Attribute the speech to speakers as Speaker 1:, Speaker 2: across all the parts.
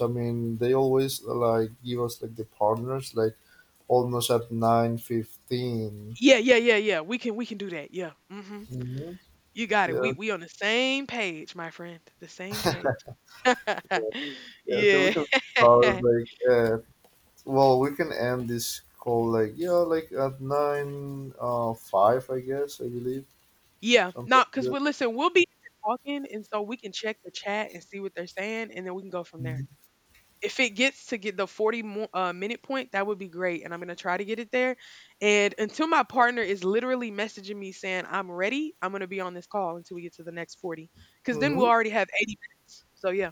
Speaker 1: I mean, they always like give us like the partners like almost at 9:15.
Speaker 2: Yeah, yeah, yeah, yeah. We can do that. Yeah. Mhm.
Speaker 1: hmm
Speaker 2: You got it.
Speaker 1: Yeah,
Speaker 2: We on the same page, my friend. The same page.
Speaker 1: yeah, yeah. So we
Speaker 2: Yeah.
Speaker 1: can start like at well, we can end this call like yeah, like at nine five, I guess I believe
Speaker 2: Yeah.
Speaker 1: something
Speaker 2: Nah,
Speaker 1: like
Speaker 2: cause we
Speaker 1: that.
Speaker 2: listen, we'll be talking, and so we can check the chat and see what they're saying, and then we can go from there. If it gets to get the 40 minute point, that would be great. And I'm going to try to get it there. And until my partner is literally messaging me saying, "I'm ready," I'm going to be on this call until we get to the next 40. Because then we'll
Speaker 1: Mm-hmm.
Speaker 2: already have 80 minutes. So, yeah,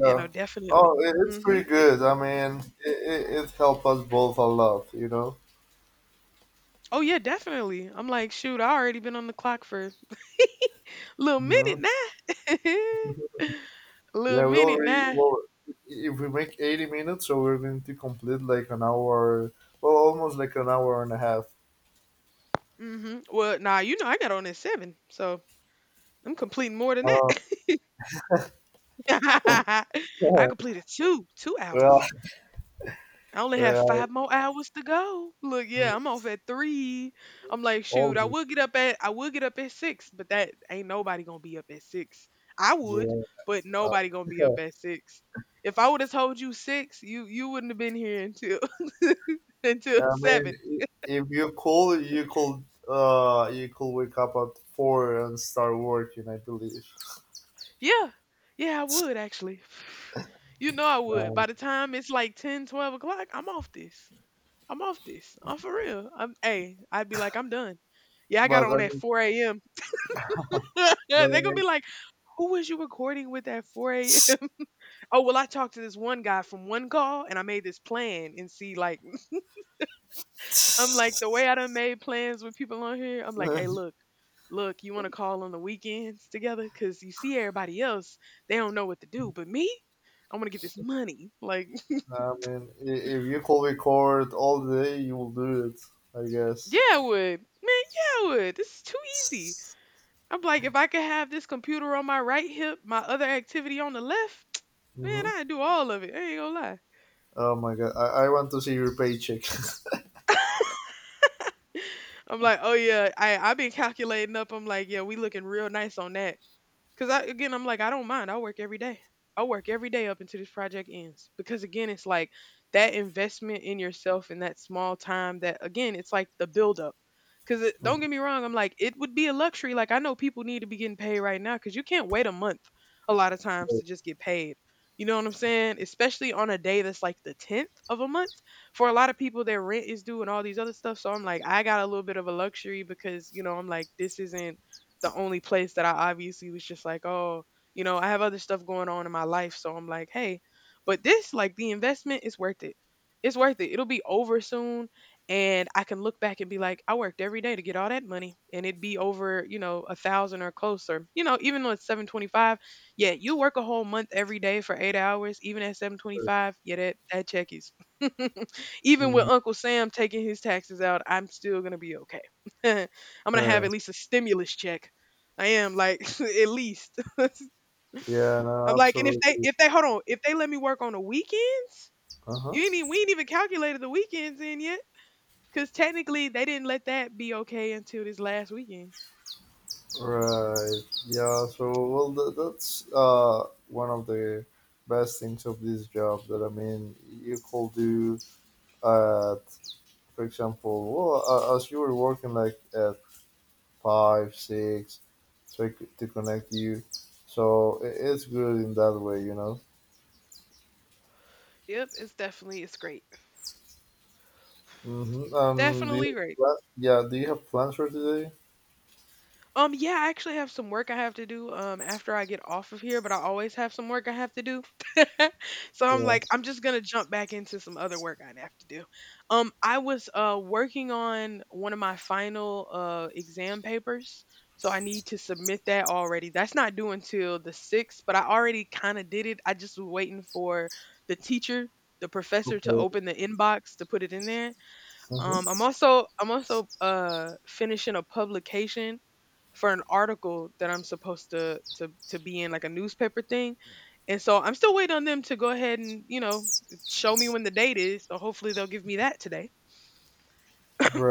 Speaker 2: definitely.
Speaker 1: Oh, it's
Speaker 2: hmm.
Speaker 1: pretty good. I mean, it helped us both a lot.
Speaker 2: Oh yeah, definitely. I'm like, shoot, I already been on the clock for little minute
Speaker 1: Mm-hmm.
Speaker 2: now. Little
Speaker 1: Yeah, we
Speaker 2: minute
Speaker 1: already
Speaker 2: now.
Speaker 1: well if we make 80 minutes, so we're going to complete like an hour, well, almost like an hour and a half.
Speaker 2: Well, nah, you know I got on at seven, so I'm completing more than that.
Speaker 1: Uh,
Speaker 2: I
Speaker 1: yeah,
Speaker 2: completed two, two
Speaker 1: yeah,
Speaker 2: hours. I only have
Speaker 1: yeah,
Speaker 2: five more hours to go. Look, yeah,
Speaker 1: mm,
Speaker 2: I'm off at three. I'm like, shoot,
Speaker 1: almost.
Speaker 2: I would get up at six, but that ain't nobody gonna be up at six. I would,
Speaker 1: Yeah,
Speaker 2: but
Speaker 1: uh,
Speaker 2: nobody gonna be up at six. If I would have told you six, you wouldn't have been here until until
Speaker 1: I mean,
Speaker 2: seven.
Speaker 1: if you cool, you could wake up at four and start working, I believe.
Speaker 2: Yeah, yeah, I would actually. You know I would. By
Speaker 1: Um,
Speaker 2: the time it's like 10, 12 o'clock, I'm off this. I'm off this. I'm for real. I'm hey, I'd be like, I'm done. Yeah, I got
Speaker 1: but
Speaker 2: on
Speaker 1: I
Speaker 2: at
Speaker 1: mean,
Speaker 2: 4 a.m.
Speaker 1: but
Speaker 2: They're
Speaker 1: I
Speaker 2: gonna be
Speaker 1: mean.
Speaker 2: like, "Who was you recording with at 4 a.m.?" Oh well, I talked to this one guy from one call, and I made this plan. And see, like, I'm like, the way I done made plans with people on here, I'm like, "Hey, look, look, you want to call on the weekends together? Cause you see everybody else, they don't know what to do, but me, I want to get this money." Like,
Speaker 1: I mean, if you could record all day, you will do it, I guess.
Speaker 2: yeah, I would, man, yeah, I would. This is too easy. I'm like, if I could have this computer on my right hip, my other activity on the left, man,
Speaker 1: hmm
Speaker 2: I'd do all of it. I ain't gonna lie.
Speaker 1: Oh my god, I want to see your paycheck.
Speaker 2: I'm like, oh yeah, I been calculating up. I'm like, yeah, we looking real nice on that. Cause I again, I'm like, I don't mind. I work every day. I work every day up until this project ends. Because again, it's like that investment in yourself in that small time. That again, it's like the buildup. Cause don't get me wrong, I'm like, it would be a luxury. Like I know people need to be getting paid right now. Cause you can't wait a month a lot of times to just get paid. You know what I'm saying? Especially on a day that's like the 10th of a month. For a lot of people, their rent is due and all these other stuff. So I'm like, I got a little bit of a luxury because, you know, I'm like, this isn't the only place that I obviously was just like, oh, you know, I have other stuff going on in my life. So I'm like, hey, but this, like, the investment is worth it. It's worth it. It'll be over soon. And I can look back and be like, I worked every day to get all that money, and it'd be over, you know, a thousand or closer. You know, even though it's 725, yeah, you work a whole month every day for 8 hours, even at 725, yeah, that check is. Even with
Speaker 1: Mhm.
Speaker 2: Uncle Sam taking his taxes out, I'm still going to be okay. I'm going to have
Speaker 1: Uh,
Speaker 2: at least a stimulus check. I am like at least. I'm
Speaker 1: yeah, no,
Speaker 2: like, and
Speaker 1: absolutely.
Speaker 2: if they hold on, if they let me work on the weekends,
Speaker 1: Uh huh.
Speaker 2: you ain't even we ain't even calculated the weekends in yet, because technically they didn't let that be okay until this last weekend.
Speaker 1: Right. Yeah. So, well, that's one of the best things of this job. That I mean, you could do at, for example, well, as you were working like at five, six, so to connect you. So it's good in that way, you know.
Speaker 2: Yep, it's great,
Speaker 1: Mm-hmm.
Speaker 2: definitely great.
Speaker 1: Yeah. Do you have plans for today?
Speaker 2: Yeah, I actually have some work I have to do after I get off of here, but I always have some work I have to do. So I'm
Speaker 1: Yeah.
Speaker 2: like, I'm just gonna jump back into some other work I have to do. I was working on one of my final exam papers, so I need to submit that already. That's not due until the sixth, but I already kind of did it. I just was waiting for the teacher, the professor to
Speaker 1: Okay.
Speaker 2: open the inbox to put it in there.
Speaker 1: hmm
Speaker 2: I'm also finishing a publication for an article that I'm supposed to be in, like, a newspaper thing. And so I'm still waiting on them to go ahead and, you know, show me when the date is. So hopefully they'll give me that today.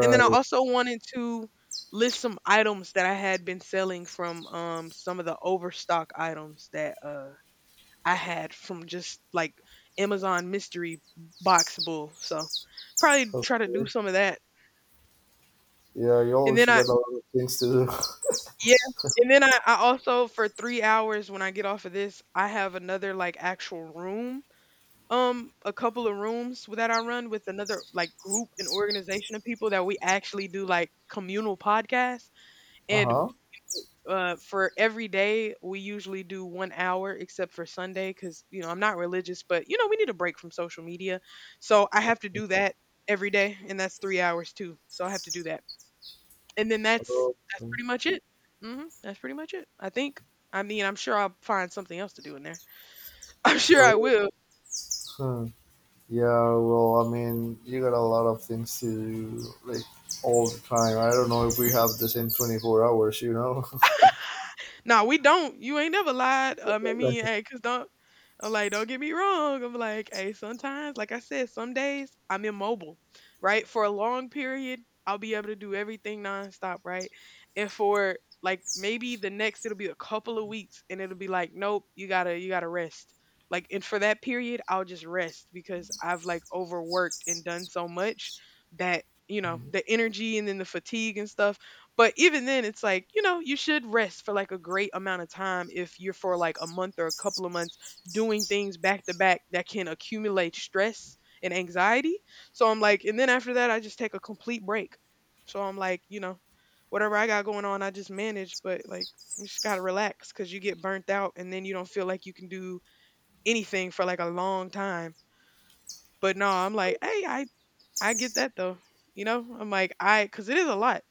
Speaker 2: And then I also wanted to list some items that I had been selling from some of the overstock items that I had from just like Amazon mystery boxable. So probably try to
Speaker 1: Okay.
Speaker 2: do some of that.
Speaker 1: Yeah, you
Speaker 2: And
Speaker 1: always
Speaker 2: then I
Speaker 1: got a lot of things to do.
Speaker 2: Yeah, and then I also for 3 hours when I get off of this, I have another, like, actual room, a couple of rooms that I run with another, like, group and organization of people that we actually do, like, communal podcasts,
Speaker 1: Uh-huh.
Speaker 2: and for every day, we usually do 1 hour except for Sunday, because, you know, I'm not religious, but, you know, we need a break from social media, so I have to do that every day, and that's 3 hours too, so I have to do that. And then that's
Speaker 1: Oh,
Speaker 2: that's
Speaker 1: mm,
Speaker 2: pretty much it. Mhm, that's pretty much it, I think. I mean, I'm sure I'll find something else to do in there. I'm sure I
Speaker 1: oh,
Speaker 2: will.
Speaker 1: hmm. Yeah, well, I mean, you got a lot of things to do, like, all the time. I don't know if we have the same 24 hours, you know?
Speaker 2: Nah, we don't. You ain't never lied. I mean, hey, cause don't. I'm like, don't get me wrong. I'm like, hey, sometimes, like I said, some days I'm immobile, right? For a long period, I'll be able to do everything nonstop, right? And for like maybe the next, it'll be a couple of weeks, and it'll be like, nope, you gotta rest. Like, and for that period, I'll just rest because I've like overworked and done so much that, you know, the energy and then the fatigue and stuff, but even then, it's like, you know, you should rest for like a great amount of time if you're for like a month or a couple of months doing things back to back that can accumulate stress and anxiety. So I'm like, and then after that, I just take a complete break. So I'm like, you know, whatever I got going on, I just manage, but like, you just gotta relax because you get burnt out and then you don't feel like you can do anything for like a long time. But no, I'm like, hey, I get that though. You know, I'm like, I because it is a lot.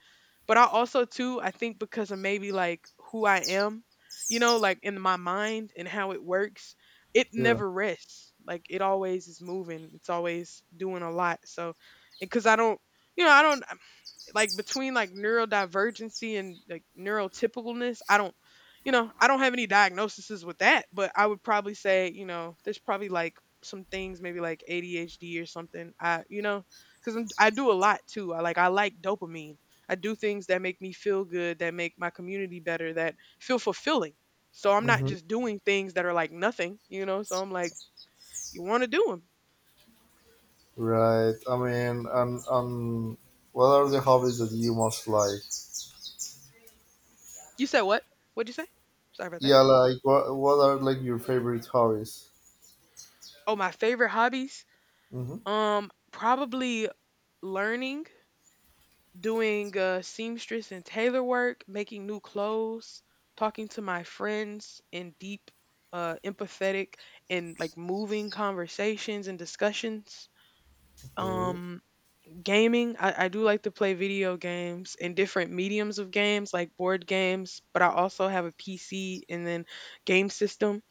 Speaker 2: But I also too, I think because of maybe like who I am, you know, like in my mind and how it works, it
Speaker 1: Yeah.
Speaker 2: never rests. Like it always is moving. It's always doing a lot. So, because I don't, you know, I don't, like, between like neurodivergency and like neurotypicalness, I don't, you know, I don't have any diagnoses with that, but I would probably say, you know, there's probably like some things maybe like ADHD or something, I, you know, because I do a lot too, I like dopamine, I do things that make me feel good, that make my community better, that feel fulfilling, so I'm not
Speaker 1: hmm
Speaker 2: just doing things that are like nothing, you know, so I'm like, you want to do them.
Speaker 1: Right. I mean, and what are the hobbies that you most like?
Speaker 2: You said what? What'd you say? Sorry about that.
Speaker 1: Yeah, like what are like your favorite hobbies?
Speaker 2: Oh, my favorite hobbies,
Speaker 1: Mm-hmm.
Speaker 2: um, probably learning, doing, seamstress and tailor work, making new clothes, talking to my friends in deep, empathetic and like moving conversations and discussions.
Speaker 1: Okay.
Speaker 2: Um, gaming. I do like to play video games and different mediums of games, like board games. But I also have a PC and then game system.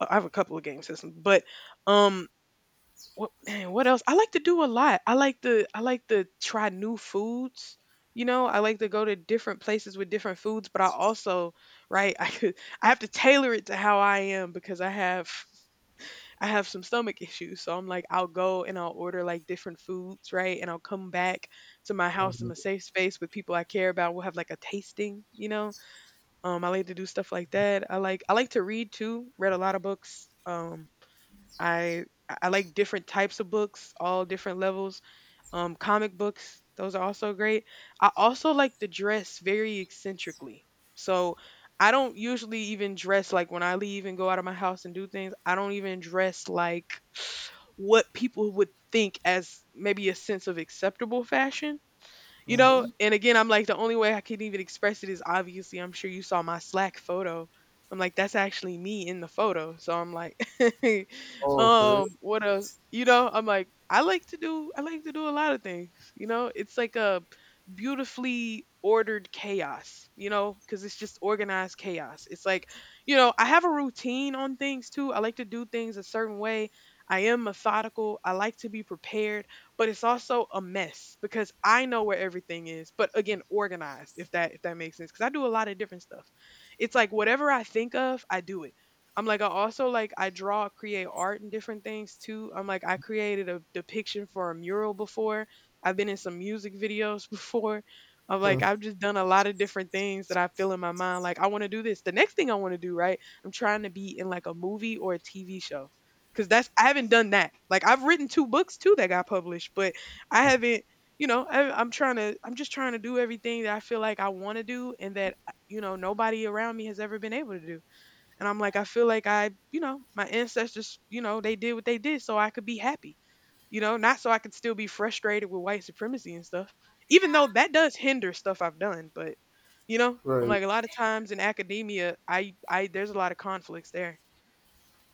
Speaker 2: Uh, I have a couple of game systems, but um, what dang, what else? I like to do a lot. I like to try new foods. You know, I like to go to different places with different foods, but I also, right, I have to tailor it to how I am because I have some stomach issues. So I'm like, I'll go and I'll order like different foods, right? And I'll come back to my house in
Speaker 1: Okay.
Speaker 2: a safe space with people I care about. We'll have like a tasting. I like to do stuff like that. I like to read too. Read a lot of books. I I I like different types of books, all different levels. Comic books, those are also great. I also like to dress very eccentrically. So I don't usually even dress like when I leave and go out of my house and do things. I don't even dress like what people would think as maybe a sense of acceptable fashion. You know,
Speaker 1: hmm
Speaker 2: and again, I'm like the only way I can even express it is, obviously, I'm sure you saw my Slack photo. I'm like that's actually me in the photo, so I'm like
Speaker 1: Oh, okay.
Speaker 2: what else? You know, I'm like, I like to do a lot of things. You know, it's like a beautifully ordered chaos. You know, because it's just organized chaos. It's like, you know, I have a routine on things too. I like to do things a certain way. I am methodical. I like to be prepared, but it's also a mess because I know where everything is, but again, organized, if that makes sense, cuz I do a lot of different stuff. It's like whatever I think of, I do it. I'm like I also like I draw, create art and different things too. I'm like I created a depiction for a mural before. I've been in some music videos before. I'm like I've just done a lot of different things that I feel in my mind like I want to do this. The next thing I want to do, right? I'm trying to be in like a movie or a TV show because that's I haven't done that. Like I've written two books too that got published, but I haven't. You know, I'm trying to. I'm just trying to do everything that I feel like I want to do, and that you know, nobody around me has ever been able to do. And I'm like, I feel like I, you know, my ancestors, you know, they did what they did, so I could be happy. You know, not so I could still be frustrated with white supremacy and stuff. Even though that does hinder stuff I've done, but you know, I'm
Speaker 1: Right.
Speaker 2: like a lot of times in academia, there's a lot of conflicts there.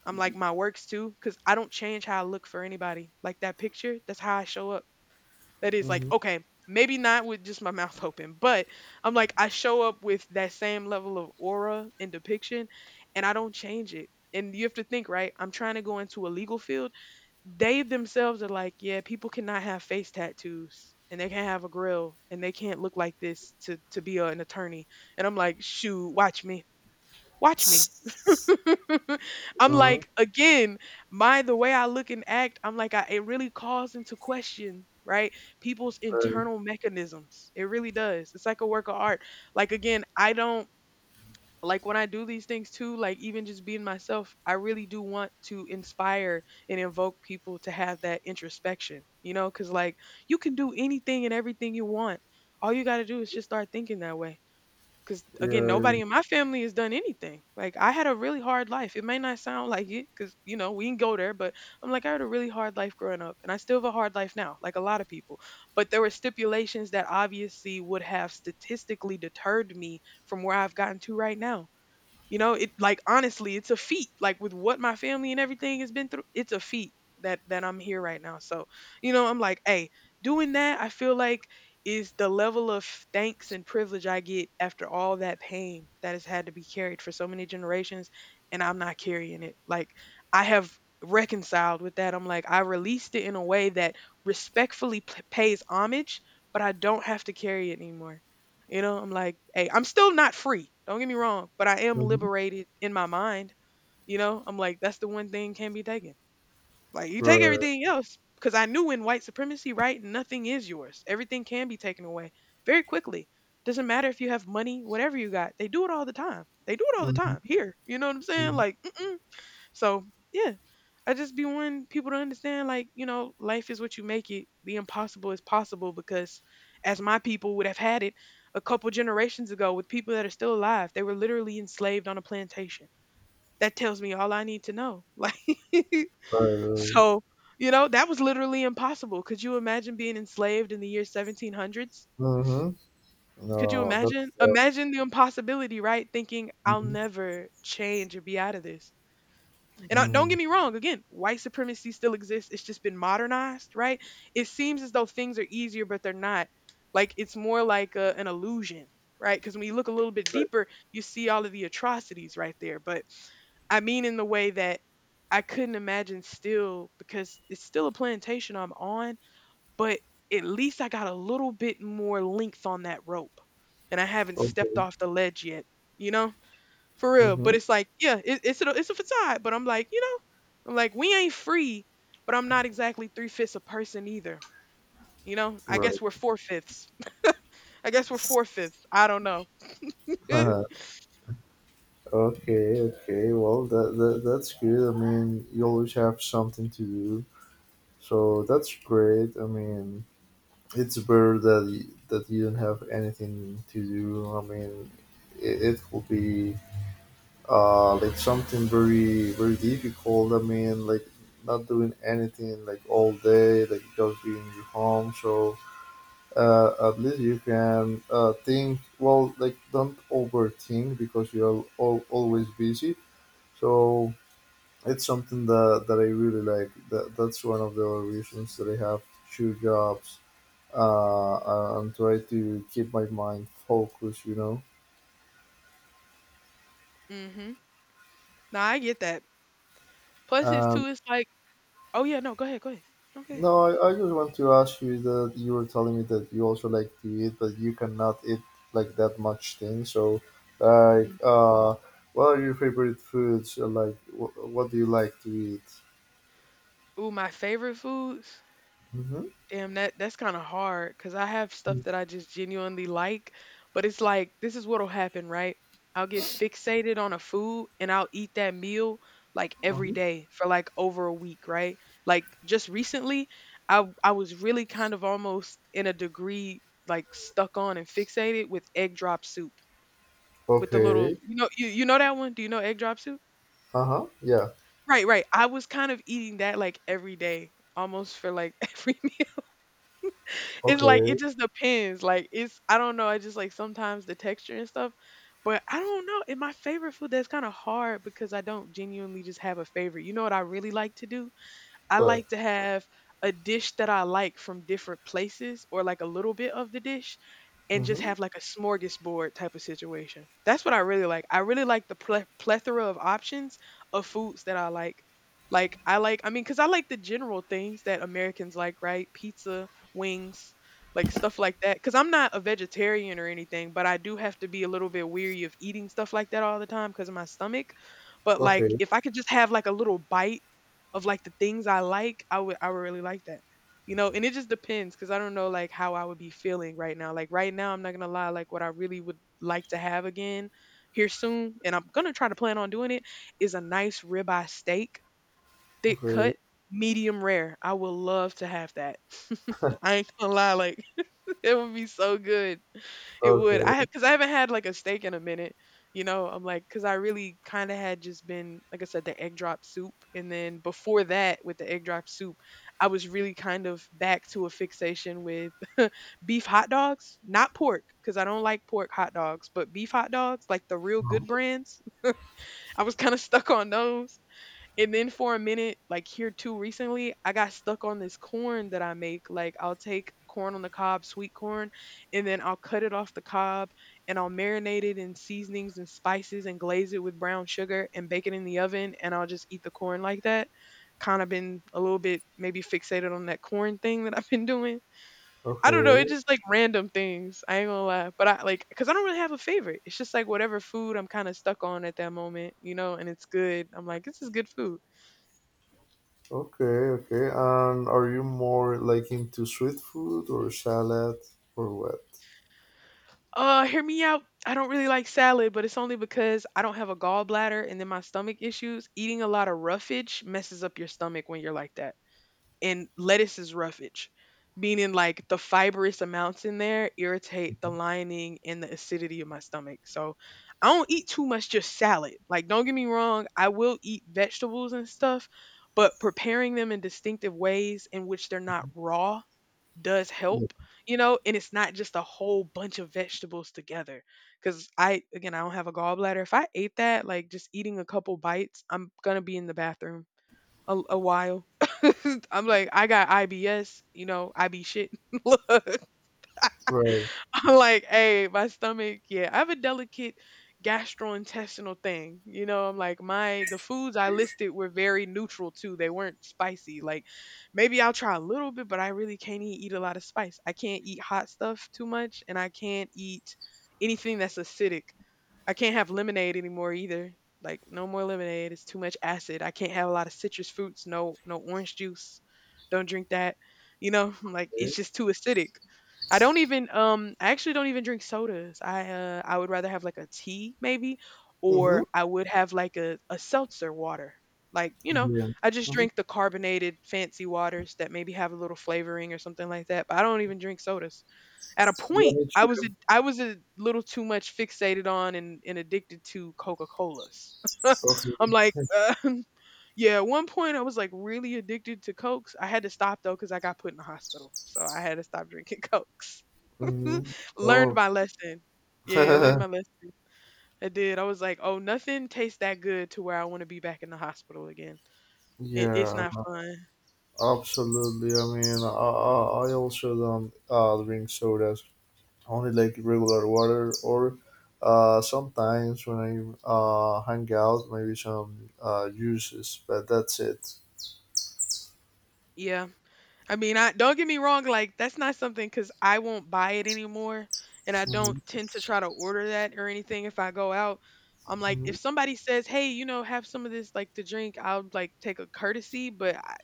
Speaker 2: I'm like my works too, because I don't change how I look for anybody. Like that picture, that's how I show up. That is like,
Speaker 1: Mm-hmm.
Speaker 2: okay, maybe not with just my mouth open, but I'm like, I show up with that same level of aura and depiction, and I don't change it. And you have to think, right? I'm trying to go into a legal field. They themselves are like, yeah, people cannot have face tattoos and they can't have a grill and they can't look like this to be a, an attorney. And I'm like, shoot, watch me. Watch me. I'm
Speaker 1: Uh-huh.
Speaker 2: like, again, my the way I look and act, I'm like, I, it really calls into question, right? People's
Speaker 1: Right.
Speaker 2: internal mechanisms. It really does. It's like a work of art. Like again, I don't like when I do these things too, like even just being myself, I really do want to inspire and invoke people to have that introspection, you know, because like you can do anything and everything you want. All you got to do is just start thinking that way because again
Speaker 1: Yeah.
Speaker 2: nobody in my family has done anything like. I had a really hard life. It may not sound like it because, you know, we didn't go there, but I'm like I had a really hard life growing up and I still have a hard life now, like a lot of people, but there were stipulations that obviously would have statistically deterred me from where I've gotten to right now. You know, it like honestly, it's a feat. Like with what my family and everything has been through, it's a feat that I'm here right now. So, you know, I'm like, hey, doing that, I feel like is the level of thanks and privilege I get after all that pain that has had to be carried for so many generations, and I'm not carrying it. Like I have reconciled with that. I'm like I released it in a way that respectfully pays homage, but I don't have to carry it anymore. You know, I'm like, hey, I'm still not free. Don't get me wrong, but I am
Speaker 1: Mm-hmm.
Speaker 2: liberated in my mind. You know, I'm like, that's the one thing can be taken. Like, you take
Speaker 1: Right.
Speaker 2: everything else because I knew in white supremacy, right? Nothing is yours. Everything can be taken away very quickly. Doesn't matter if you have money, whatever you got. They do it all the time. They do it all the time
Speaker 1: Mm-hmm.
Speaker 2: here. You know what I'm saying?
Speaker 1: Mm-hmm.
Speaker 2: Like, mm-mm, so yeah, I just be wanting people to understand, like, you know, life is what you make it. The impossible is possible because, as my people would have had it, a couple generations ago, with people that are still alive, they were literally enslaved on a plantation. That tells me all I need to know. Like,
Speaker 1: Right.
Speaker 2: so you know, that was literally impossible. Could you imagine being enslaved in the year 1700s?
Speaker 1: Mm-hmm.
Speaker 2: Could you
Speaker 1: No,
Speaker 2: imagine?
Speaker 1: that's
Speaker 2: Imagine the impossibility, right? Thinking I'll
Speaker 1: Mm-hmm.
Speaker 2: never change or be out of this. And I, don't get
Speaker 1: Mm.
Speaker 2: me wrong, again, white supremacy still exists. It's just been modernized, right? It seems as though things are easier, but they're not. Like it's more like a, an illusion, right? Because when you look a little bit
Speaker 1: Right.
Speaker 2: deeper, you see all of the atrocities right there. But I mean, in the way that I couldn't imagine still, because it's still a plantation I'm on, but at least I got a little bit more length on that rope and I haven't stepped
Speaker 1: Okay.
Speaker 2: off the ledge yet, you know? For real.
Speaker 1: Mm-hmm.
Speaker 2: But it's like, yeah, it's a facade. But I'm like, you know, I'm like, we ain't free, but I'm not exactly three fifths a person either. You know, I guess
Speaker 1: Right.
Speaker 2: we're four fifths. I guess we're four fifths. I don't know.
Speaker 1: Uh-huh. Okay. Okay. Well, that's good. I mean, you always have something to do, so that's great. I mean, it's better that that you don't have anything to do. I mean, it will be like something very very difficult. I mean, like not doing anything like all day, like just being in your home. So at least you can think well, like don't overthink because you're always busy. So it's something that, that I really like. That's one of the reasons that I have two jobs, and try to keep my mind focused, you know.
Speaker 2: Mm-hmm. No, I get that. Plus, it's too.
Speaker 1: um.
Speaker 2: It's like, oh yeah, no, go ahead, go ahead. No, go ahead.
Speaker 1: No, I just want to ask you that you were telling me that you also like to eat, but you cannot eat like that much thing. So, like,
Speaker 2: Mm.
Speaker 1: what are your favorite foods? Like, what do you like to eat?
Speaker 2: Ooh, my favorite foods.
Speaker 1: Mm-hmm.
Speaker 2: Damn, that's kind of hard because I have stuff that I just genuinely like, but it's like this is what'll happen, right? I'll get fixated on a food and I'll eat that meal like every
Speaker 1: Mm-hmm.
Speaker 2: day for like over a week, right? Like just recently, I was really kind of almost in a degree like stuck on and fixated with egg drop soup with the little,
Speaker 1: Okay.
Speaker 2: you know, you know that one? Do you know egg drop soup?
Speaker 1: Uh huh. Yeah.
Speaker 2: Right, right. I was kind of eating that like every day, almost for like every meal. It's like it
Speaker 1: Okay.
Speaker 2: just depends. Like it's I don't know. I just like sometimes the texture and stuff, but I don't know. And my favorite food, that's kind of hard because I don't genuinely just have a favorite. You know what I really like to do? I
Speaker 1: What?
Speaker 2: like to have a dish that I like from different places or like a little bit of the dish and just
Speaker 1: Mm-hmm.
Speaker 2: have like a smorgasbord type of situation. That's what I really like. I really like the plethora of options of foods that I like. Like I like, I mean, cuz I like the general things that Americans like, right? Pizza, wings, like stuff like that cuz I'm not a vegetarian or anything, but I do have to be a little bit weary of eating stuff like that all the time cuz of my stomach. But like
Speaker 1: Okay.
Speaker 2: if I could just have like a little bite of like the things I like, I would really like that. You know, and it just depends because I don't know like how I would be feeling right now. Like right now, I'm not gonna lie, like what I really would like to have again here soon, and I'm gonna try to plan on doing it, is a nice ribeye steak, thick
Speaker 1: Okay.
Speaker 2: cut, medium rare. I would love to have that. I ain't gonna lie, like it would be so good. It would. I have
Speaker 1: Okay.
Speaker 2: because I haven't had like a steak in a minute. You know, I'm like because I really kind of had just been like I said the egg drop soup, and then before that with the egg drop soup, I was really kind of back to a fixation with beef hot dogs, not pork because I don't like pork hot dogs, but beef hot dogs like the real good brands. I was kind of stuck on those. And then for a minute, like here too recently, I got stuck on this corn that I make. Like I'll take corn on the cob, sweet corn, and then I'll cut it off the cob and I'll marinate it in seasonings and spices and glaze it with brown sugar and bake it in the oven and I'll just eat the corn like that. Kind of been a little bit maybe fixated on that corn thing that I've been doing. I don't know, it's
Speaker 1: Okay.
Speaker 2: just like random things. I ain't gonna lie. But I like cuz I don't really have a favorite. It's just like whatever food I'm kind of stuck on at that moment, you know, and it's good. I'm like, this is good food.
Speaker 1: Okay. Okay. And are you more like into sweet food or salad or what?
Speaker 2: Hear me out. I don't really like salad, but it's only because I don't have a gallbladder and then my stomach issues. Eating a lot of roughage messes up your stomach when you're like that. And lettuce is roughage, meaning like the fibrous amounts in there irritate the lining and the acidity of my stomach. So I don't eat too much just salad. Like, don't get me wrong, I will eat vegetables and stuff, but preparing them in distinctive ways in which they're not raw does
Speaker 1: Yeah.
Speaker 2: help, you know, and it's not just a whole bunch of vegetables together. Because I, again, I don't have a gallbladder. If I ate that, like just eating a couple bites, I'm going to be in the bathroom a while. I'm like, I got IBS, you know, I be shit.
Speaker 1: Right.
Speaker 2: I'm like, hey, my stomach, yeah, I have a delicate gastrointestinal thing. You know, I'm like, my the foods I listed were very neutral too. They weren't spicy. Like maybe I'll try a little bit, but I really can't eat a lot of spice. I can't eat hot stuff too much and I can't eat anything that's acidic. I can't have lemonade anymore either. Like no more lemonade. It's too much acid. I can't have a lot of citrus fruits. No no orange juice. Don't drink that. You know, like it's just too acidic. I don't even I actually don't even drink sodas. I would rather have like a tea maybe or
Speaker 1: Mm-hmm.
Speaker 2: I would have like a seltzer water. Like, you know,
Speaker 1: Yeah.
Speaker 2: I just
Speaker 1: Mhm.
Speaker 2: drink the carbonated fancy waters that maybe have a little flavoring or something like that. But I don't even drink sodas. At a
Speaker 1: Yeah,
Speaker 2: point,
Speaker 1: me too.
Speaker 2: I was a little too much fixated on and addicted to Coca-Colas. I'm
Speaker 1: Okay.
Speaker 2: like, yeah, at one point I was like really addicted to Cokes. I had to stop though because I got put in the hospital. So I had to stop drinking Cokes.
Speaker 1: Mm-hmm.
Speaker 2: Learned
Speaker 1: Oh,
Speaker 2: my lesson. Yeah, learned my lesson. I did. I was like, oh, nothing tastes that good to where I want to be back in the hospital again. It's
Speaker 1: yeah,
Speaker 2: not fun.
Speaker 1: absolutely. I mean, I I also don't drink sodas, only like regular water, or sometimes when I hang out, maybe some juices, but that's it.
Speaker 2: Yeah. I mean, I don't get me wrong, like that's not something cuz I won't buy it anymore and I don't
Speaker 1: Mm-hmm.
Speaker 2: tend to try to order that or anything if I go out. I'm like if somebody says, "Hey, you know, have some of this like to drink." I'll like take a courtesy, but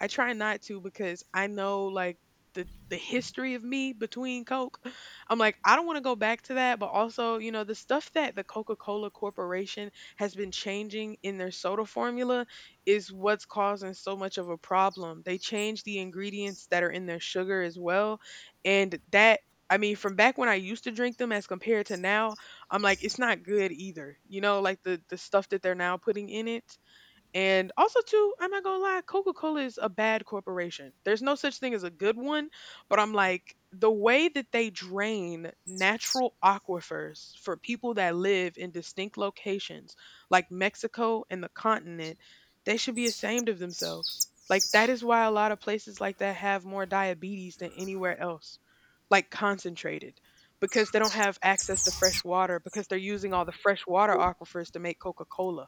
Speaker 2: I try not to because I know like the history of me between Coke. I'm like, I don't want to go back to that, but also, you know, the stuff that the Coca-Cola Corporation has been changing in their soda formula is what's causing so much of a problem. They change the ingredients that are in their sugar as well, and that I mean, from back when I used to drink them as compared to now, I'm like, it's not good either. You know, like the stuff that they're now putting in it. And also too, I'm not gonna lie, Coca-Cola is a bad corporation. There's no such thing as a good one, but I'm like the way that they drain natural aquifers for people that live in distinct locations like Mexico and the continent, they should be ashamed of themselves. Like that is why a lot of places like that have more diabetes than anywhere else, like concentrated, because they don't have access to fresh water because they're using all the fresh water aquifers to make Coca-Cola.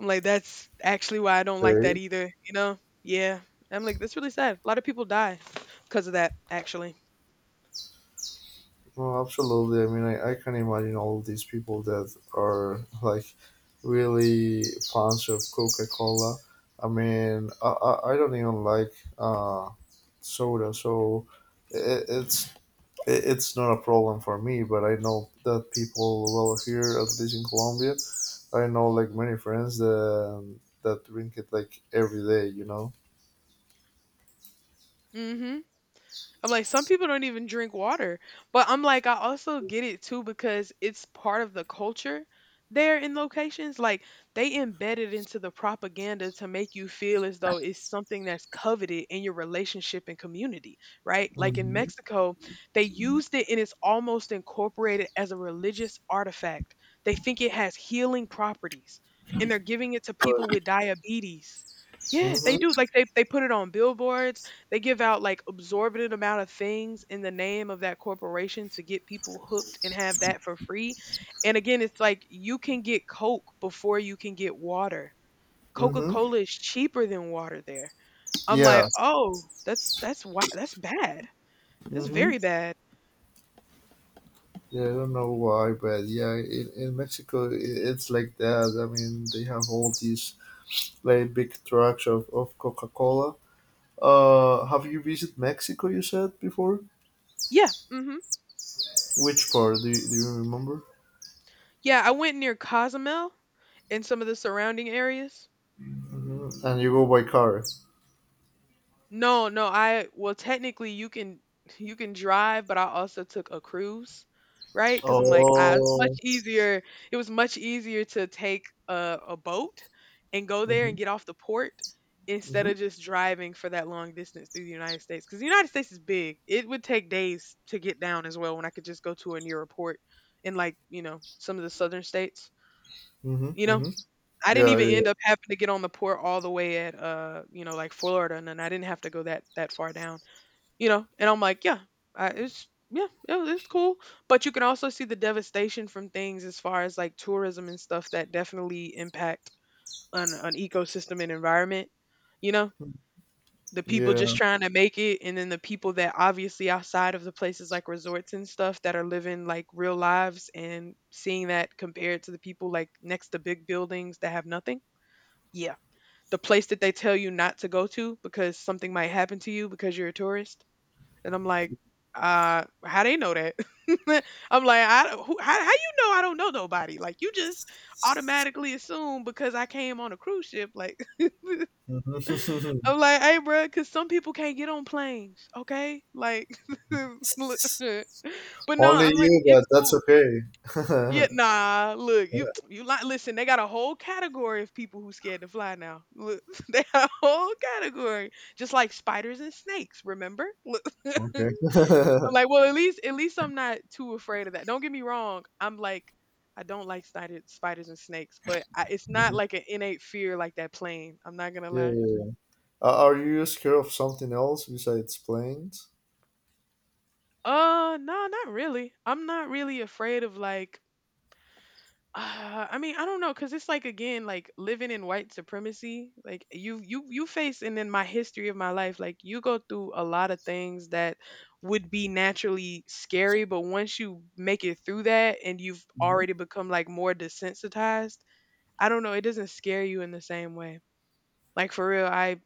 Speaker 2: I'm like, that's actually why I don't like that
Speaker 1: Mm-hmm.
Speaker 2: either, you know? Yeah. I'm like, that's really sad. A lot of people die because of that, actually.
Speaker 1: Oh, absolutely. I mean, I can imagine all of these people that are like really fans of Coca Cola. I mean, I I don't even like soda, so it, it's it, it's not a problem for me. But I know that people, well, here at least in Colombia, I know like many friends that drink it like every day. You know.
Speaker 2: Mm hmm. I'm like, some people don't even drink water. But I'm like, I also get it too because it's part of the culture there in locations. Like, they embed it into the propaganda to make you feel as though it's something that's coveted in your relationship and community, right? Like in
Speaker 1: Mm-hmm.
Speaker 2: Mexico, they used it and it's almost incorporated as a religious artifact. They think it has healing properties and they're giving it to people
Speaker 1: But,
Speaker 2: with diabetes. Yeah, they do. Like
Speaker 1: mm-hmm,
Speaker 2: they put it on billboards. They give out like absorbent amount of things in the name of that corporation to get people hooked and have that for free. And again, it's like you can get Coke before you can get water.
Speaker 1: mm-hmm.
Speaker 2: Coca-Cola is cheaper than water there. I'm like,
Speaker 1: Yeah.
Speaker 2: "Oh, that's why that's bad. That's
Speaker 1: Mm-hmm.
Speaker 2: very bad."
Speaker 1: Yeah, I don't know why, but yeah, in Mexico I it's like that. I mean, they have all these like big trucks of Coca Cola. Have you visited Mexico? You said before.
Speaker 2: Yeah, mhm.
Speaker 1: Which part do do you remember?
Speaker 2: Yeah, I went near Cozumel and some of the surrounding areas.
Speaker 1: And you go by car.
Speaker 2: No, no, I well technically you can you can drive, but I also took a cruise, right? Because I'm like, ah, it's much
Speaker 1: Oh.
Speaker 2: easier. It was much easier to take a boat and go there and
Speaker 1: hmm
Speaker 2: get off the port instead
Speaker 1: hmm
Speaker 2: of just driving for that long distance through the United States. Because the United States is big. It would take days to get down as well when I could just go to a nearer port in like, you know, some of the southern states,
Speaker 1: hmm
Speaker 2: you
Speaker 1: hmm
Speaker 2: know? I didn't
Speaker 1: Yeah,
Speaker 2: even
Speaker 1: yeah,
Speaker 2: end up having to get on the port all the way at, you know, like Florida, and then I didn't have to go that far down, you know. And I'm like, yeah, it's yeah, it's cool. But you can also see the devastation from things as far as like tourism and stuff that definitely impact an ecosystem and environment. You know, the people just
Speaker 1: yeah.
Speaker 2: trying to make it, and then the people that obviously outside of the places like resorts and stuff that are living like real lives and seeing that compared to the people like next to big buildings that have nothing. Yeah, the place that they tell you not to go to because something might happen to you because you're a tourist. And I'm like, how they know that? I'm like, I don't- who, how you know I don't know nobody? Like you just automatically assume because I came on a cruise ship. Like
Speaker 1: Mhm.
Speaker 2: I'm like, hey, bro, because some people can't get on planes. Okay, like, look. But no,
Speaker 1: Only
Speaker 2: I'm like,
Speaker 1: you, but
Speaker 2: it's
Speaker 1: that's
Speaker 2: cool. Yeah,
Speaker 1: okay.
Speaker 2: nah, look, you like listen, they got a whole category of people who scared to fly now. Look, they got a whole category. Just like spiders and snakes, remember? Look.
Speaker 1: Okay.
Speaker 2: I'm like, well, at least I'm not too afraid of that. Don't get me wrong. I'm like I don't like spiders and snakes, but I, it's not
Speaker 1: Mhm.
Speaker 2: like an innate fear like that plane. I'm not going to
Speaker 1: Yeah,
Speaker 2: lie.
Speaker 1: yeah. Are you scared of something else besides planes?
Speaker 2: No, not really. I'm not really afraid of like. I mean, I don't know, cause it's like again, like living in white supremacy. Like you face, and then my history of my life, like you go through a lot of things that would be naturally scary, but once you make it through that, and you've
Speaker 1: Mhm.
Speaker 2: already become like more desensitized, I don't know, it doesn't scare you in the same way. Like for real,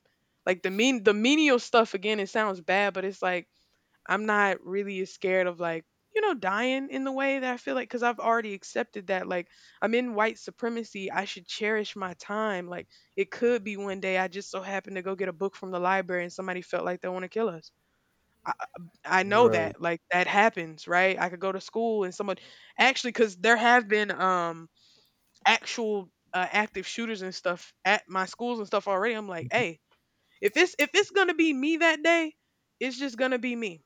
Speaker 2: like the menial stuff again. It sounds bad, but it's like I'm not really scared of like, you know, dying in the way that I feel like, because I've already accepted that, like, I'm in white supremacy. I should cherish my time. Like, it could be one day I just so happened to go get a book from the library and somebody felt like they want to kill us. I, I know
Speaker 1: Right,
Speaker 2: that, like, that happens, right? I could go to school and someone actually, because there have been actual active shooters and stuff at my schools and stuff already. I'm like, hey, if it's gonna be me that day, it's just gonna be me.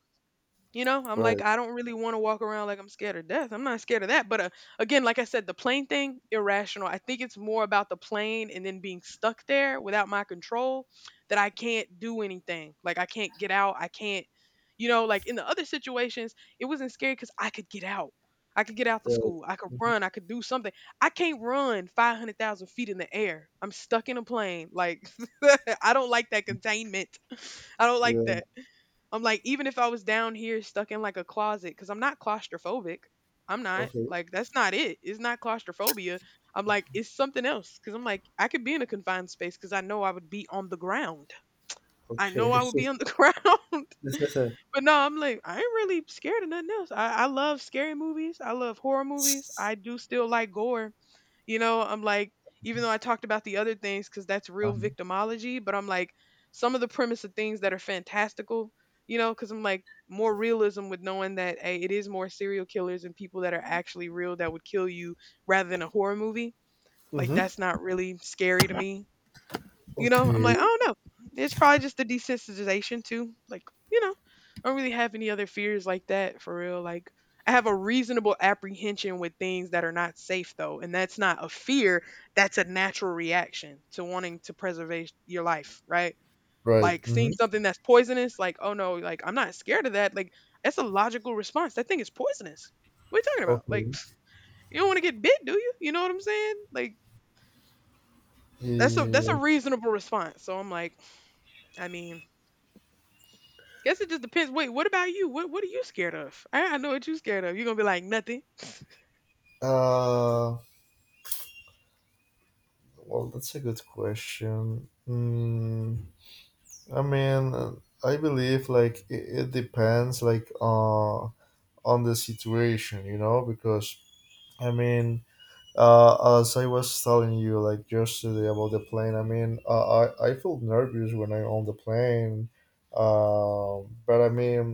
Speaker 2: You know, I'm like,
Speaker 1: right,
Speaker 2: I don't really want to walk around like I'm scared of death. I'm not scared of that. But again, like I said, the plane thing, irrational. I think it's more about the plane and then being stuck there without my control that I can't do anything. Like, I can't get out. I can't, you know, like in the other situations, it wasn't scary because I could get out. I could get out the
Speaker 1: right.
Speaker 2: school. I could
Speaker 1: hmm
Speaker 2: run. I could do something. I can't run 500,000 feet in the air. I'm stuck in a plane. Like, I don't like that containment. I don't like
Speaker 1: Yeah.
Speaker 2: that. I'm like, even if I was down here stuck in like a closet, because I'm not claustrophobic. I'm not
Speaker 1: Okay.
Speaker 2: like that's not it. It's not claustrophobia. I'm like it's something else because I'm like I could be in a confined space because I know I would be on the ground. I know
Speaker 1: Okay.
Speaker 2: I would be on the ground. But no, I'm like I ain't really scared of nothing else. I love scary movies. I love horror movies. I do still like gore, you know. I'm like, even though I talked about the other things because that's
Speaker 1: Uh
Speaker 2: real victimology, but I'm like, some of the premise of things that are fantastical, you know, because I'm like, more realism with knowing that hey, it is more serial killers and people that are actually real that would kill you rather than a horror movie. Like,
Speaker 1: Mm-hmm.
Speaker 2: that's not really scary to me. You know, I'm
Speaker 1: Okay.
Speaker 2: like, I don't know. It's probably just the desensitization too. Like, you know, I don't really have any other fears like that for real. Like, I have a reasonable apprehension with things that are not safe though, and that's not a fear. That's a natural reaction to wanting to preserve your life, right?
Speaker 1: Right.
Speaker 2: Like
Speaker 1: Mm-hmm.
Speaker 2: seeing something that's poisonous, like, oh no, like I'm not scared of that. Like, that's a logical response. That thing is poisonous. What are you talking about? Like,
Speaker 1: Okay.
Speaker 2: you don't want to get bit, do you? You know what I'm saying? Like, that's a
Speaker 1: Yeah.
Speaker 2: reasonable response. So I'm like, I mean, guess it just depends. Wait, what about you? What are you scared of? I know what you scared of. You're gonna be like nothing.
Speaker 1: Uh. Well, that's a good question. I mean, I believe like it depends like on the situation, you know, because I mean as I was telling you, like yesterday about the plane, I mean, I feel nervous when I on the plane, but I mean,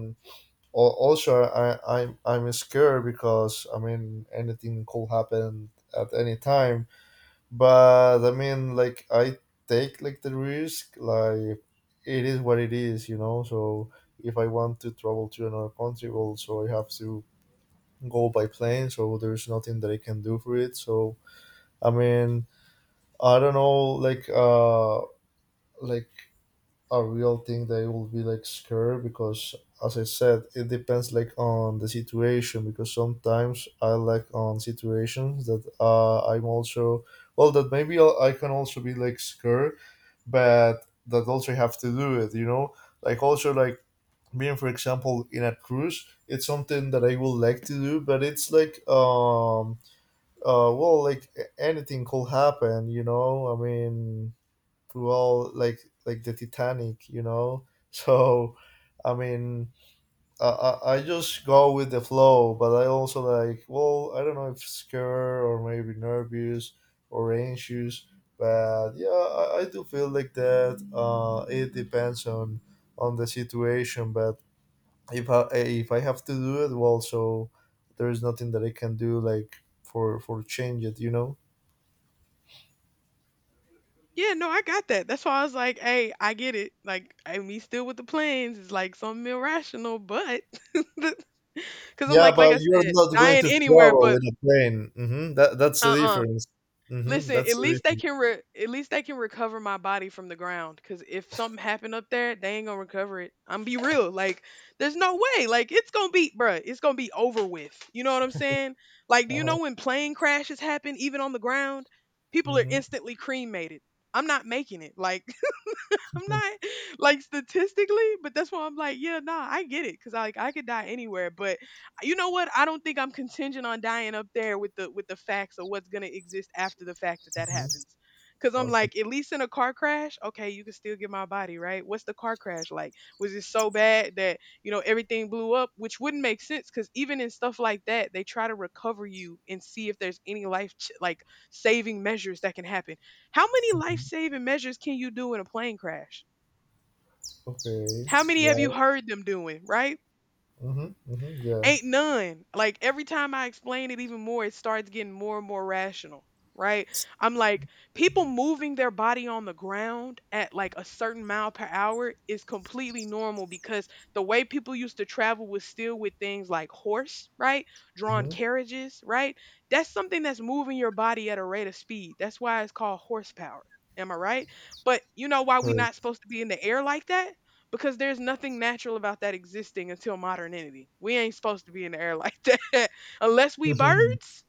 Speaker 1: also I'm scared because I mean anything could happen at any time. But I mean, like I take like the risk, like it is what it is, you know. So if I want to travel to another country, also I have to go by plane. So there's nothing that I can do for it. So I mean I don't know, like a real thing that will be like scared because, as I said, it depends like on the situation. Because sometimes I like on situations that I'm also well that maybe I can also be like scared, but that also have to do it. You know, like also like being for example in a cruise, it's something that I would like to do, but it's like well like anything could happen. You know, I mean to all like the Titanic, you know. So, I mean, I I just go with the flow, but I also like well, I don't know if scared or maybe nervous or anxious, but yeah, I do feel like that. It depends on the situation, but if I if I have to do it, well, so there is nothing that I can do like for change it, you know.
Speaker 2: Yeah, no, I got that. That's why I was like, hey, I get it. Like, I me still with the plans is like something irrational, but because I'm
Speaker 1: Yeah,
Speaker 2: like
Speaker 1: but
Speaker 2: I
Speaker 1: you're
Speaker 2: said,
Speaker 1: not going
Speaker 2: dying
Speaker 1: to
Speaker 2: anywhere,
Speaker 1: travel
Speaker 2: but
Speaker 1: in a plane. That that's the
Speaker 2: uh. uh
Speaker 1: difference.
Speaker 2: listen, at
Speaker 1: That's the
Speaker 2: least they
Speaker 1: difference.
Speaker 2: can at least they can recover my body from the ground. Cause if something happened up there, they ain't gonna recover it. I'm be real, like there's no way. Like it's gonna be, bruh, it's gonna be over with. You know what I'm saying? Like, do you know
Speaker 1: Uh-huh.
Speaker 2: when plane crashes happen, even on the ground, people are
Speaker 1: hmm
Speaker 2: instantly cremated. I'm not making it. Like I'm
Speaker 1: hmm
Speaker 2: not like statistically, but that's why I'm like, yeah, nah, I get it, cause like I could die anywhere, but you know what? I don't think I'm contingent on dying up there with the facts of what's gonna exist after the fact that that happens. Cause I'm
Speaker 1: Okay.
Speaker 2: like, at least in a car crash, okay, you can still get my body, right? What's the car crash like? Was it so bad that you know everything blew up? Which wouldn't make sense, cause even in stuff like that, they try to recover you and see if there's any like saving measures that can happen, how many
Speaker 1: Mhm.
Speaker 2: life-saving measures can you do in a plane crash?
Speaker 1: Okay.
Speaker 2: How many have you
Speaker 1: Yeah.
Speaker 2: heard them doing, right?
Speaker 1: Yeah.
Speaker 2: Ain't none. Like every time I explain it even more, it starts getting more and more rational, right? I'm like, people moving their body on the ground at like a certain mile per hour is completely normal because the way people used to travel was still with things like horse, right? Drawn
Speaker 1: hmm
Speaker 2: carriages, right? That's something that's moving your body at a rate of speed. That's why it's called horsepower. Am I right? But you know why we
Speaker 1: Right.
Speaker 2: not supposed to be in the air like that? Because there's nothing natural about that existing until modernity. We ain't supposed to be in the air like that unless we
Speaker 1: hmm
Speaker 2: birds.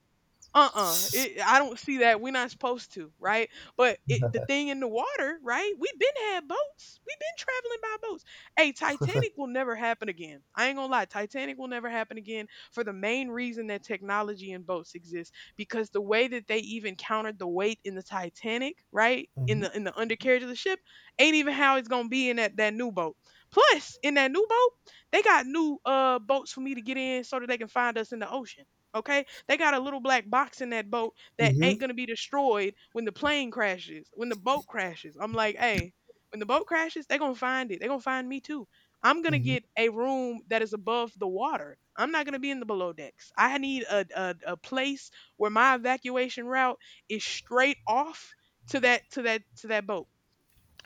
Speaker 2: Uh-uh, I don't see that. We're not supposed to, right? But the thing in the water, right, we've been had boats, we've been traveling by boats. Hey, Titanic will never happen again. I ain't gonna lie, Titanic will never happen again for the main reason that technology and boats exist, because the way that they even countered the weight in the Titanic, right, in the undercarriage of the ship ain't even how it's gonna be in that new boat. Plus in that new boat, they got new, uh, boats for me to get in so that they can find us in the ocean. Okay, they got a little black box in that boat that
Speaker 1: hmm
Speaker 2: ain't gonna be destroyed when the plane crashes, when the boat crashes. I'm like, hey, when the boat crashes, they gonna find it. They gonna find me too. I'm
Speaker 1: hmm
Speaker 2: gonna
Speaker 1: hmm
Speaker 2: get a room that is above the water. I'm not gonna be in the below decks. I need a place where my evacuation route is straight off to that boat.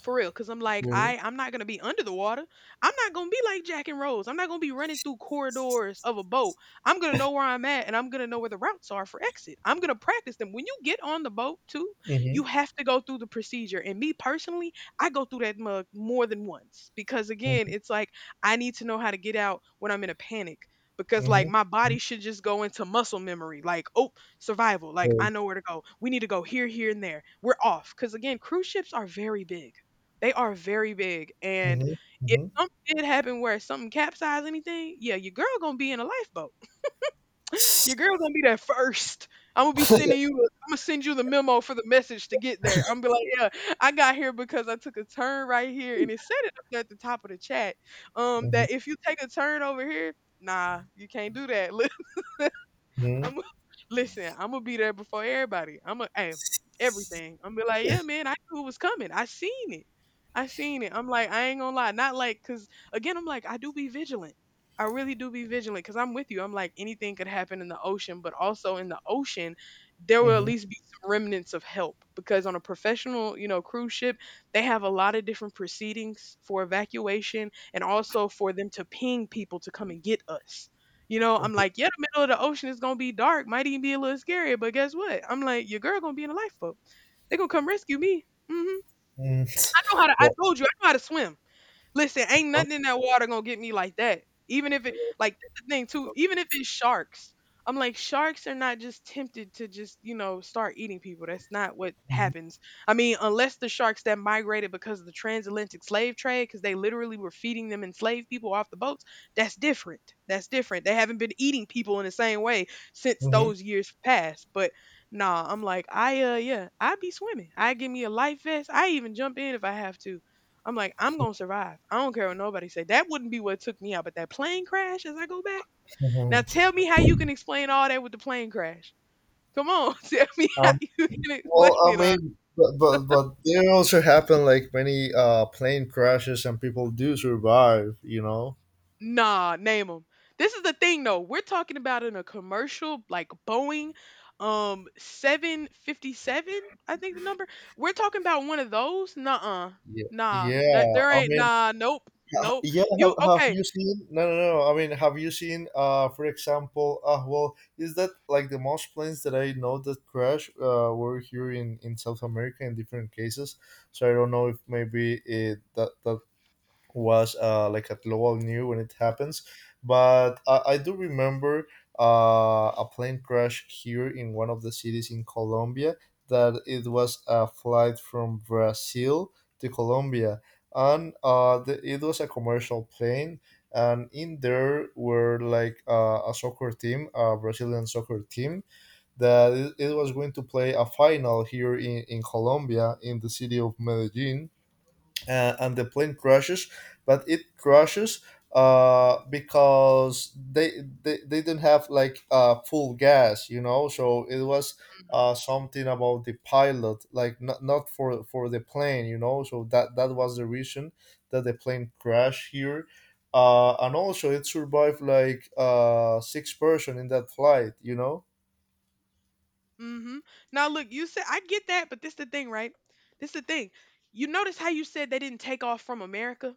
Speaker 2: For real, cause I'm like
Speaker 1: Right.
Speaker 2: I'm not gonna be under the water. I'm not gonna be like Jack and Rose. I'm not gonna be running through corridors of a boat. I'm gonna know where I'm at, and I'm gonna know where the routes are for exit. I'm gonna practice them. When you get on the boat too,
Speaker 1: hmm
Speaker 2: you have to go through the procedure. And me personally, I go through that mug more than once because again,
Speaker 1: hmm
Speaker 2: it's like I need to know how to get out when I'm in a panic. Because like my body should just go into muscle memory, like oh, survival, like
Speaker 1: Right.
Speaker 2: I know where to go. We need to go here, here, and there. We're off. Because again, cruise ships are very big, they are very big, and
Speaker 1: hmm
Speaker 2: if
Speaker 1: hmm
Speaker 2: something did happen where something capsized anything, yeah, your girl gonna be in a lifeboat. Your girl gonna be there first. I'm gonna be sending you I'm gonna send you the memo for the message to get there. I'm gonna be like, yeah, I got here because I took a turn right here, and it said it up there at the top of the chat. That if you take a turn over here, nah, you can't do that.
Speaker 1: hmm
Speaker 2: I'm listen. I'm gonna be there before everybody. I'm gonna hey, everything. I'm gonna be like, yeah, man. I knew it was coming. I seen it. I seen it. I'm like, I ain't gonna lie. Not like, cause again, I'm like, I do be vigilant. I really do be vigilant because I'm with you. I'm like, anything could happen in the ocean, but also in the ocean, there
Speaker 1: hmm
Speaker 2: will at
Speaker 1: hmm
Speaker 2: least be some remnants of help because on a professional, you know, cruise ship, they have a lot of different proceedings for evacuation and also for them to ping people to come and get us. You know, I'm
Speaker 1: Okay.
Speaker 2: like, yeah, the middle of the ocean is gonna be dark, might even be a little scary, but guess what? I'm like, your girl gonna be in a lifeboat. They gonna come rescue me. Hmm.
Speaker 1: Mm.
Speaker 2: I know how to. I
Speaker 1: Well,
Speaker 2: told you, I know how to swim. Listen, ain't
Speaker 1: huh?
Speaker 2: nothing in that water gonna get me like that. Even if it like that's the thing too, even if it's sharks. I'm like, sharks are not just tempted to just, you know, start eating people. That's not what
Speaker 1: Mhm.
Speaker 2: happens. I mean, unless the sharks that migrated because of the transatlantic slave trade, because they literally were feeding them enslaved people off the boats, that's different. That's different. They haven't been eating people in the same way since
Speaker 1: Mhm.
Speaker 2: those years passed. But nah, I'm like, I yeah, I'd be swimming. I give me a life vest. I even jump in if I have to. I'm like, I'm gonna survive. I don't care what nobody say. That wouldn't be what took me out, but that plane crash as I go back. Now
Speaker 1: Mhm.
Speaker 2: tell me how you can explain all that with the plane crash. Come on, tell me how
Speaker 1: Um,
Speaker 2: you can explain
Speaker 1: Well, I
Speaker 2: it. All.
Speaker 1: mean, but there also happen like many plane crashes and people do survive, you know.
Speaker 2: Nah, name them. This is the thing though. We're talking about in a commercial like Boeing 757, I think the number. We're talking about one of those. Nuh-uh.
Speaker 1: Yeah.
Speaker 2: Nah. That
Speaker 1: Yeah,
Speaker 2: there
Speaker 1: I
Speaker 2: ain't
Speaker 1: mean,
Speaker 2: nah, nope. Nope.
Speaker 1: yeah.
Speaker 2: You
Speaker 1: Have
Speaker 2: okay.
Speaker 1: you seen? No, no, no. I mean, have you seen? For example, well, is that like the most planes that I know that crash were here in South America in different cases? So I don't know if maybe it that that was like at all new when it happens. But I do remember a plane crash here in one of the cities in Colombia that it was a flight from Brazil to Colombia. And the, it was a commercial plane. And in there were like a soccer team, a Brazilian soccer team, that it was going to play a final here in Colombia, in the city of Medellin, and the plane crashes but it crashes because they didn't have like full gas, you know. So it was something about the pilot, like not, not for for the plane, you know. So that that was the reason that the plane crashed here, and also it survived like 6 people in that flight, you know.
Speaker 2: Mm-hmm. Now look, you said I get that, but this the thing, right? This the thing. You notice how you said they didn't take off from America?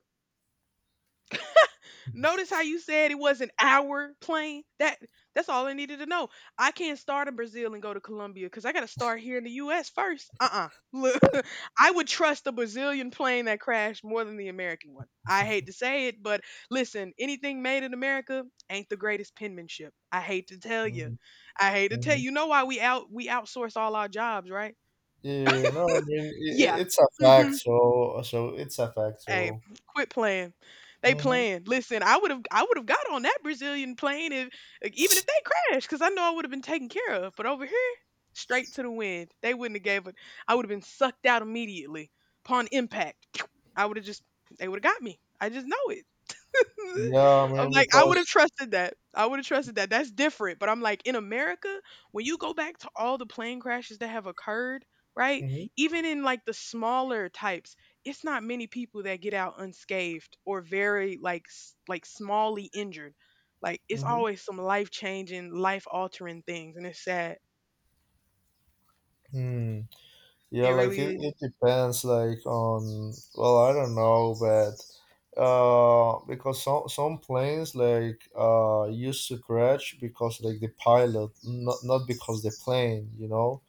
Speaker 2: Notice how you said it was an hour plane? That's all I needed to know. I can't start in Brazil and go to Colombia because I gotta start here in the US first. Uh-uh. Look, I would trust the Brazilian plane that crashed more than the American one. I hate to say it, but listen, anything made in America ain't the greatest penmanship. I hate to tell you.
Speaker 1: Mhm,
Speaker 2: I hate to tell you.
Speaker 1: mhm.
Speaker 2: You know why we outsource all our jobs, right?
Speaker 1: Yeah, no, I mean
Speaker 2: Yeah.
Speaker 1: it's a fact.
Speaker 2: Mhm.
Speaker 1: So so it's a fact.
Speaker 2: Hey,
Speaker 1: So
Speaker 2: quit playing. They
Speaker 1: Mhm.
Speaker 2: playing. Listen, I would have got on that Brazilian plane if, like, even if they crashed, because I know I would have been taken care of. But over here, straight to the wind. They wouldn't have gave it. I would have been sucked out immediately upon impact. I would have just they would have got me. I just know it.
Speaker 1: Yeah, I
Speaker 2: I'm
Speaker 1: mean,
Speaker 2: like, I would have
Speaker 1: because
Speaker 2: trusted that. I would have trusted that. That's different. But I'm like, in America, when you go back to all the plane crashes that have occurred, right?
Speaker 1: Mhm,
Speaker 2: Even in like the smaller types, it's not many people that get out unscathed or very like like smallly injured. Like it's
Speaker 1: mhm.
Speaker 2: always some life changing, life altering things, and it's sad.
Speaker 1: Hmm. Yeah,
Speaker 2: It
Speaker 1: like
Speaker 2: really
Speaker 1: it,
Speaker 2: is.
Speaker 1: it depends, like on well, I don't know, but because some planes like used to crash because like the pilot, not not because the plane, you know.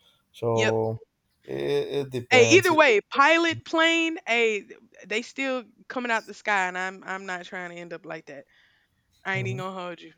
Speaker 2: Yep.
Speaker 1: So it
Speaker 2: Hey,
Speaker 1: depends.
Speaker 2: either way, pilot plane, hey, they still coming out the sky, and I'm not trying to end up like that. I ain't even
Speaker 1: Hmm
Speaker 2: gonna hold you.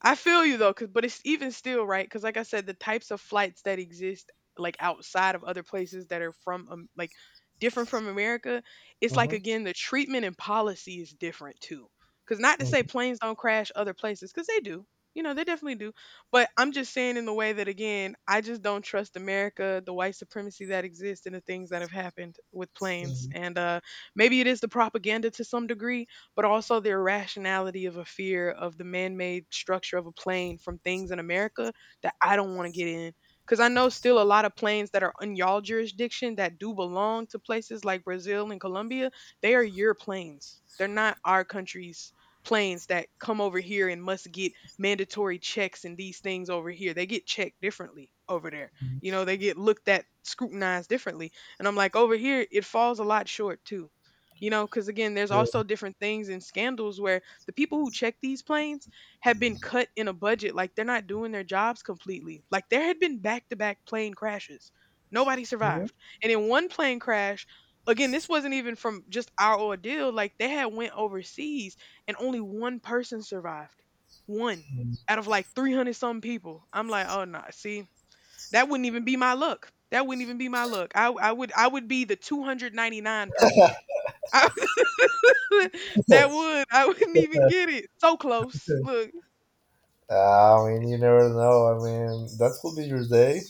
Speaker 2: I feel you though, cause but it's even still right, because like I said, the types of flights that exist like outside of other places that are from, like, different from America, it's like
Speaker 1: hmm
Speaker 2: again the treatment and policy is different too. Because not to say
Speaker 1: hmm
Speaker 2: planes don't crash other places, because they do. You know, they definitely do. But I'm just saying in the way that again, I just don't trust America, the white supremacy that exists, and the things that have happened with planes. And maybe it is the propaganda to some degree, but also the irrationality of a fear of the man-made structure of a plane from things in America that I don't want to get in. Because I know still a lot of planes that are in y'all jurisdiction that do belong to places like Brazil and Colombia, they are your planes. They're not our country's planes that come over here and must get mandatory checks and these things over here. They get checked differently over there. You
Speaker 1: hmm
Speaker 2: know, they get looked at, scrutinized differently. And I'm like, over here, it falls a lot short too. You know, because again, there's
Speaker 1: Yeah.
Speaker 2: also different things and scandals where the people who check these planes have been cut in a budget. Like they're not doing their jobs completely. Like there had been back to back plane crashes. Nobody survived. And in one plane crash, again, this wasn't even from just our ordeal. Like they had went overseas and only one person survived. One
Speaker 1: Mhm.
Speaker 2: out of like 300 some people. I'm like, oh no, see, that wouldn't even be my luck. That wouldn't even be my luck. I would be the 299 person. That would. I wouldn't even get it. So close. Look,
Speaker 1: I mean, you never know. I mean, that could be your day,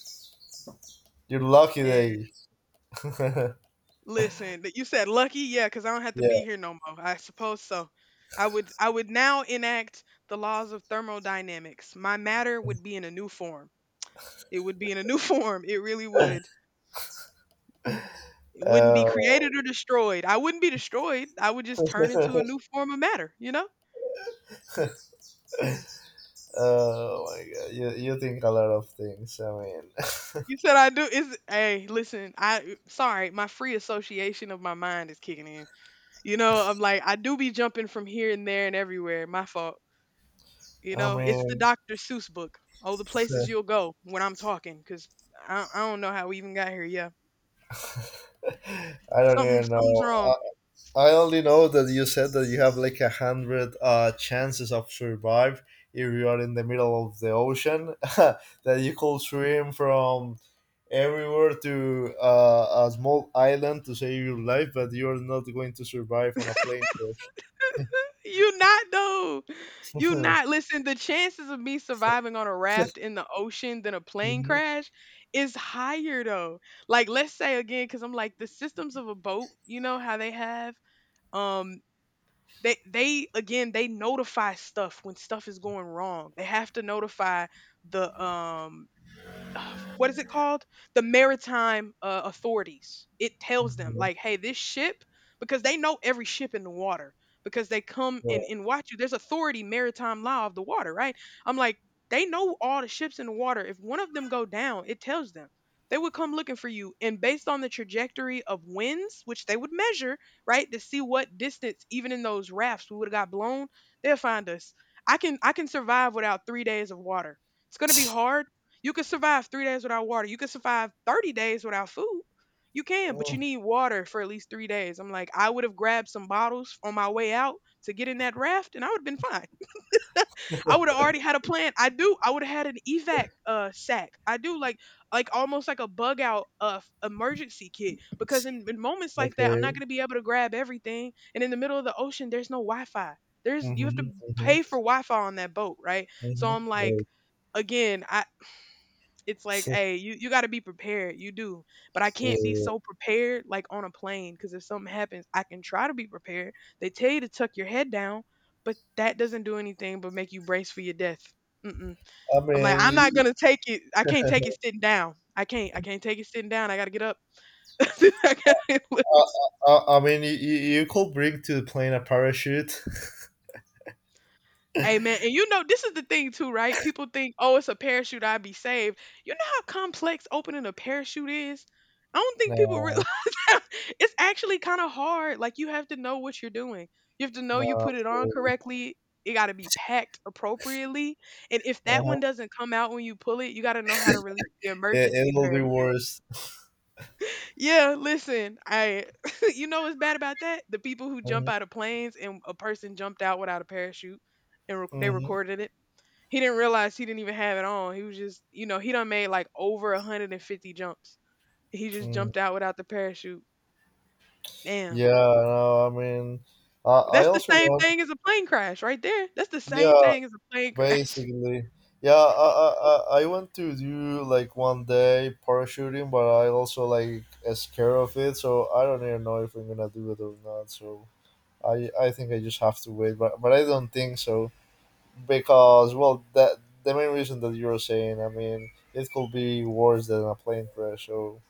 Speaker 1: your lucky
Speaker 2: man.
Speaker 1: day.
Speaker 2: Listen, that you said lucky, yeah, because I don't have to
Speaker 1: Yeah.
Speaker 2: be here no more. I suppose so. I would now enact the laws of thermodynamics. My matter would be in a new form. It would be in a new form. It really would. It wouldn't be
Speaker 1: Oh.
Speaker 2: created or destroyed. I wouldn't be destroyed. I would just turn into a new form of matter, you know?
Speaker 1: Oh my god. You think a lot of things. I mean,
Speaker 2: You said I do is hey, listen, I sorry, my free association of my mind is kicking in. You know, I'm like, I do be jumping from here and there and everywhere. My fault. You
Speaker 1: I
Speaker 2: know, it's the
Speaker 1: mean,
Speaker 2: Dr. Seuss book. Oh, the places you'll go when I'm talking, because I don't know how we even got here. Yeah.
Speaker 1: I don't even
Speaker 2: Something's
Speaker 1: know.
Speaker 2: wrong.
Speaker 1: I only know that you said that you have like 100 chances of survive if you are in the middle of the ocean. That you could swim from everywhere to a small island to save your life, but you are not going to survive on a plane crash.
Speaker 2: You not though. You not listen. The chances of me surviving on a raft in the ocean than a plane
Speaker 1: Mhm.
Speaker 2: crash is higher though. Like let's say again, because I'm like the systems of a boat. You know how they have. Um, they again they notify stuff when stuff is going wrong. They have to notify the what is it called? The maritime authorities. It tells them
Speaker 1: Mhm.
Speaker 2: like, hey, this ship, because they know every ship in the water because they come
Speaker 1: Yeah.
Speaker 2: and watch you. There's authority maritime law of the water, right? I'm like, they know all the ships in the water. If one of them go down, it tells them. They would come looking for you. And based on the trajectory of winds, which they would measure, right, to see what distance, even in those rafts, we would have got blown, they'll find us. I can survive without 3 days of water. It's gonna be hard, you can survive 3 days without water. You can survive 30 days without food. You can, but
Speaker 1: Oh,
Speaker 2: you need water for at least 3 days. I'm like, I would have grabbed some bottles on my way out to get in that raft and I would have been fine. I would have already had a plan. I do. I would have had an evac sack. I do like almost like a bug out emergency kit because in moments like that, I'm not
Speaker 1: okay.
Speaker 2: gonna be able to grab everything. And in the middle of the ocean, there's no Wi-Fi. There's
Speaker 1: Mm-hmm,
Speaker 2: you have to
Speaker 1: mm-hmm,
Speaker 2: pay for Wi-Fi on that boat, right? So
Speaker 1: mm-hmm.
Speaker 2: I'm like,
Speaker 1: Right.
Speaker 2: again, I, it's like,
Speaker 1: So,
Speaker 2: "Hey, you gotta be prepared, you do." But I can't be
Speaker 1: yeah.
Speaker 2: so prepared like on a plane because if something happens, I can try to be prepared. They tell you to tuck your head down, but that doesn't do anything but make you brace for your death. Mm-mm.
Speaker 1: I
Speaker 2: I'm like,
Speaker 1: mean,
Speaker 2: "I'm not gonna take it I can't take it sitting down. I can't take it sitting down, I gotta get up." I gotta
Speaker 1: I I mean, you could bring to the plane a parachute.
Speaker 2: Amen. And you know, this is the thing too, right? People think, oh, it's a parachute, I'd be saved. You know how complex opening a parachute is? I don't think people
Speaker 1: No,
Speaker 2: realize that. It's actually kind of hard. Like you have to know what you're doing. You have to know
Speaker 1: no,
Speaker 2: you put it on
Speaker 1: absolutely.
Speaker 2: correctly. It got to be packed appropriately. And if that one
Speaker 1: Uh-huh.
Speaker 2: doesn't come out when you pull it, you got to know how to release the
Speaker 1: It
Speaker 2: emergency
Speaker 1: will be
Speaker 2: parachute.
Speaker 1: worse.
Speaker 2: Yeah, listen, I you know what's bad about that? The people who jump
Speaker 1: Mm-hmm,
Speaker 2: out of planes and a person jumped out without a parachute and they
Speaker 1: mm-hmm,
Speaker 2: recorded it. He didn't realize he didn't even have it on. He was just, you know, he done made like over 150 jumps. He just
Speaker 1: mm.
Speaker 2: jumped out without the parachute. Damn.
Speaker 1: Yeah, no, I mean, I
Speaker 2: That's the
Speaker 1: also
Speaker 2: same
Speaker 1: want.
Speaker 2: thing as a plane crash right there. That's the same
Speaker 1: Yeah,
Speaker 2: thing as a plane crash.
Speaker 1: basically, yeah, I want to do like one day parachuting, but I also like am scared of it, so I don't even know if I'm gonna do it or not. So I think I just have to wait, but I don't think so because well that the main reason that you're saying, I mean, it could be worse than a plane crash. So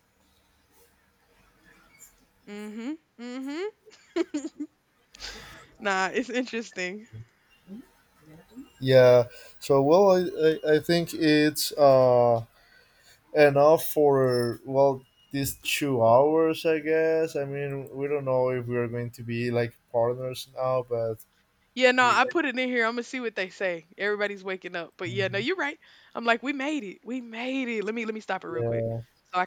Speaker 2: Mhm. Mhm. Nah, it's interesting.
Speaker 1: yeah, so well I think it's enough for well these 2 hours I guess. I mean we don't know if we are going to be like partners now but
Speaker 2: Yeah, no,
Speaker 1: we
Speaker 2: I put it in here. I'm gonna see what they say. Everybody's waking up, but yeah, no,
Speaker 1: Mhm.
Speaker 2: you're right. I'm like, we made it. We made it. Let me stop it real quick
Speaker 1: yeah
Speaker 2: so I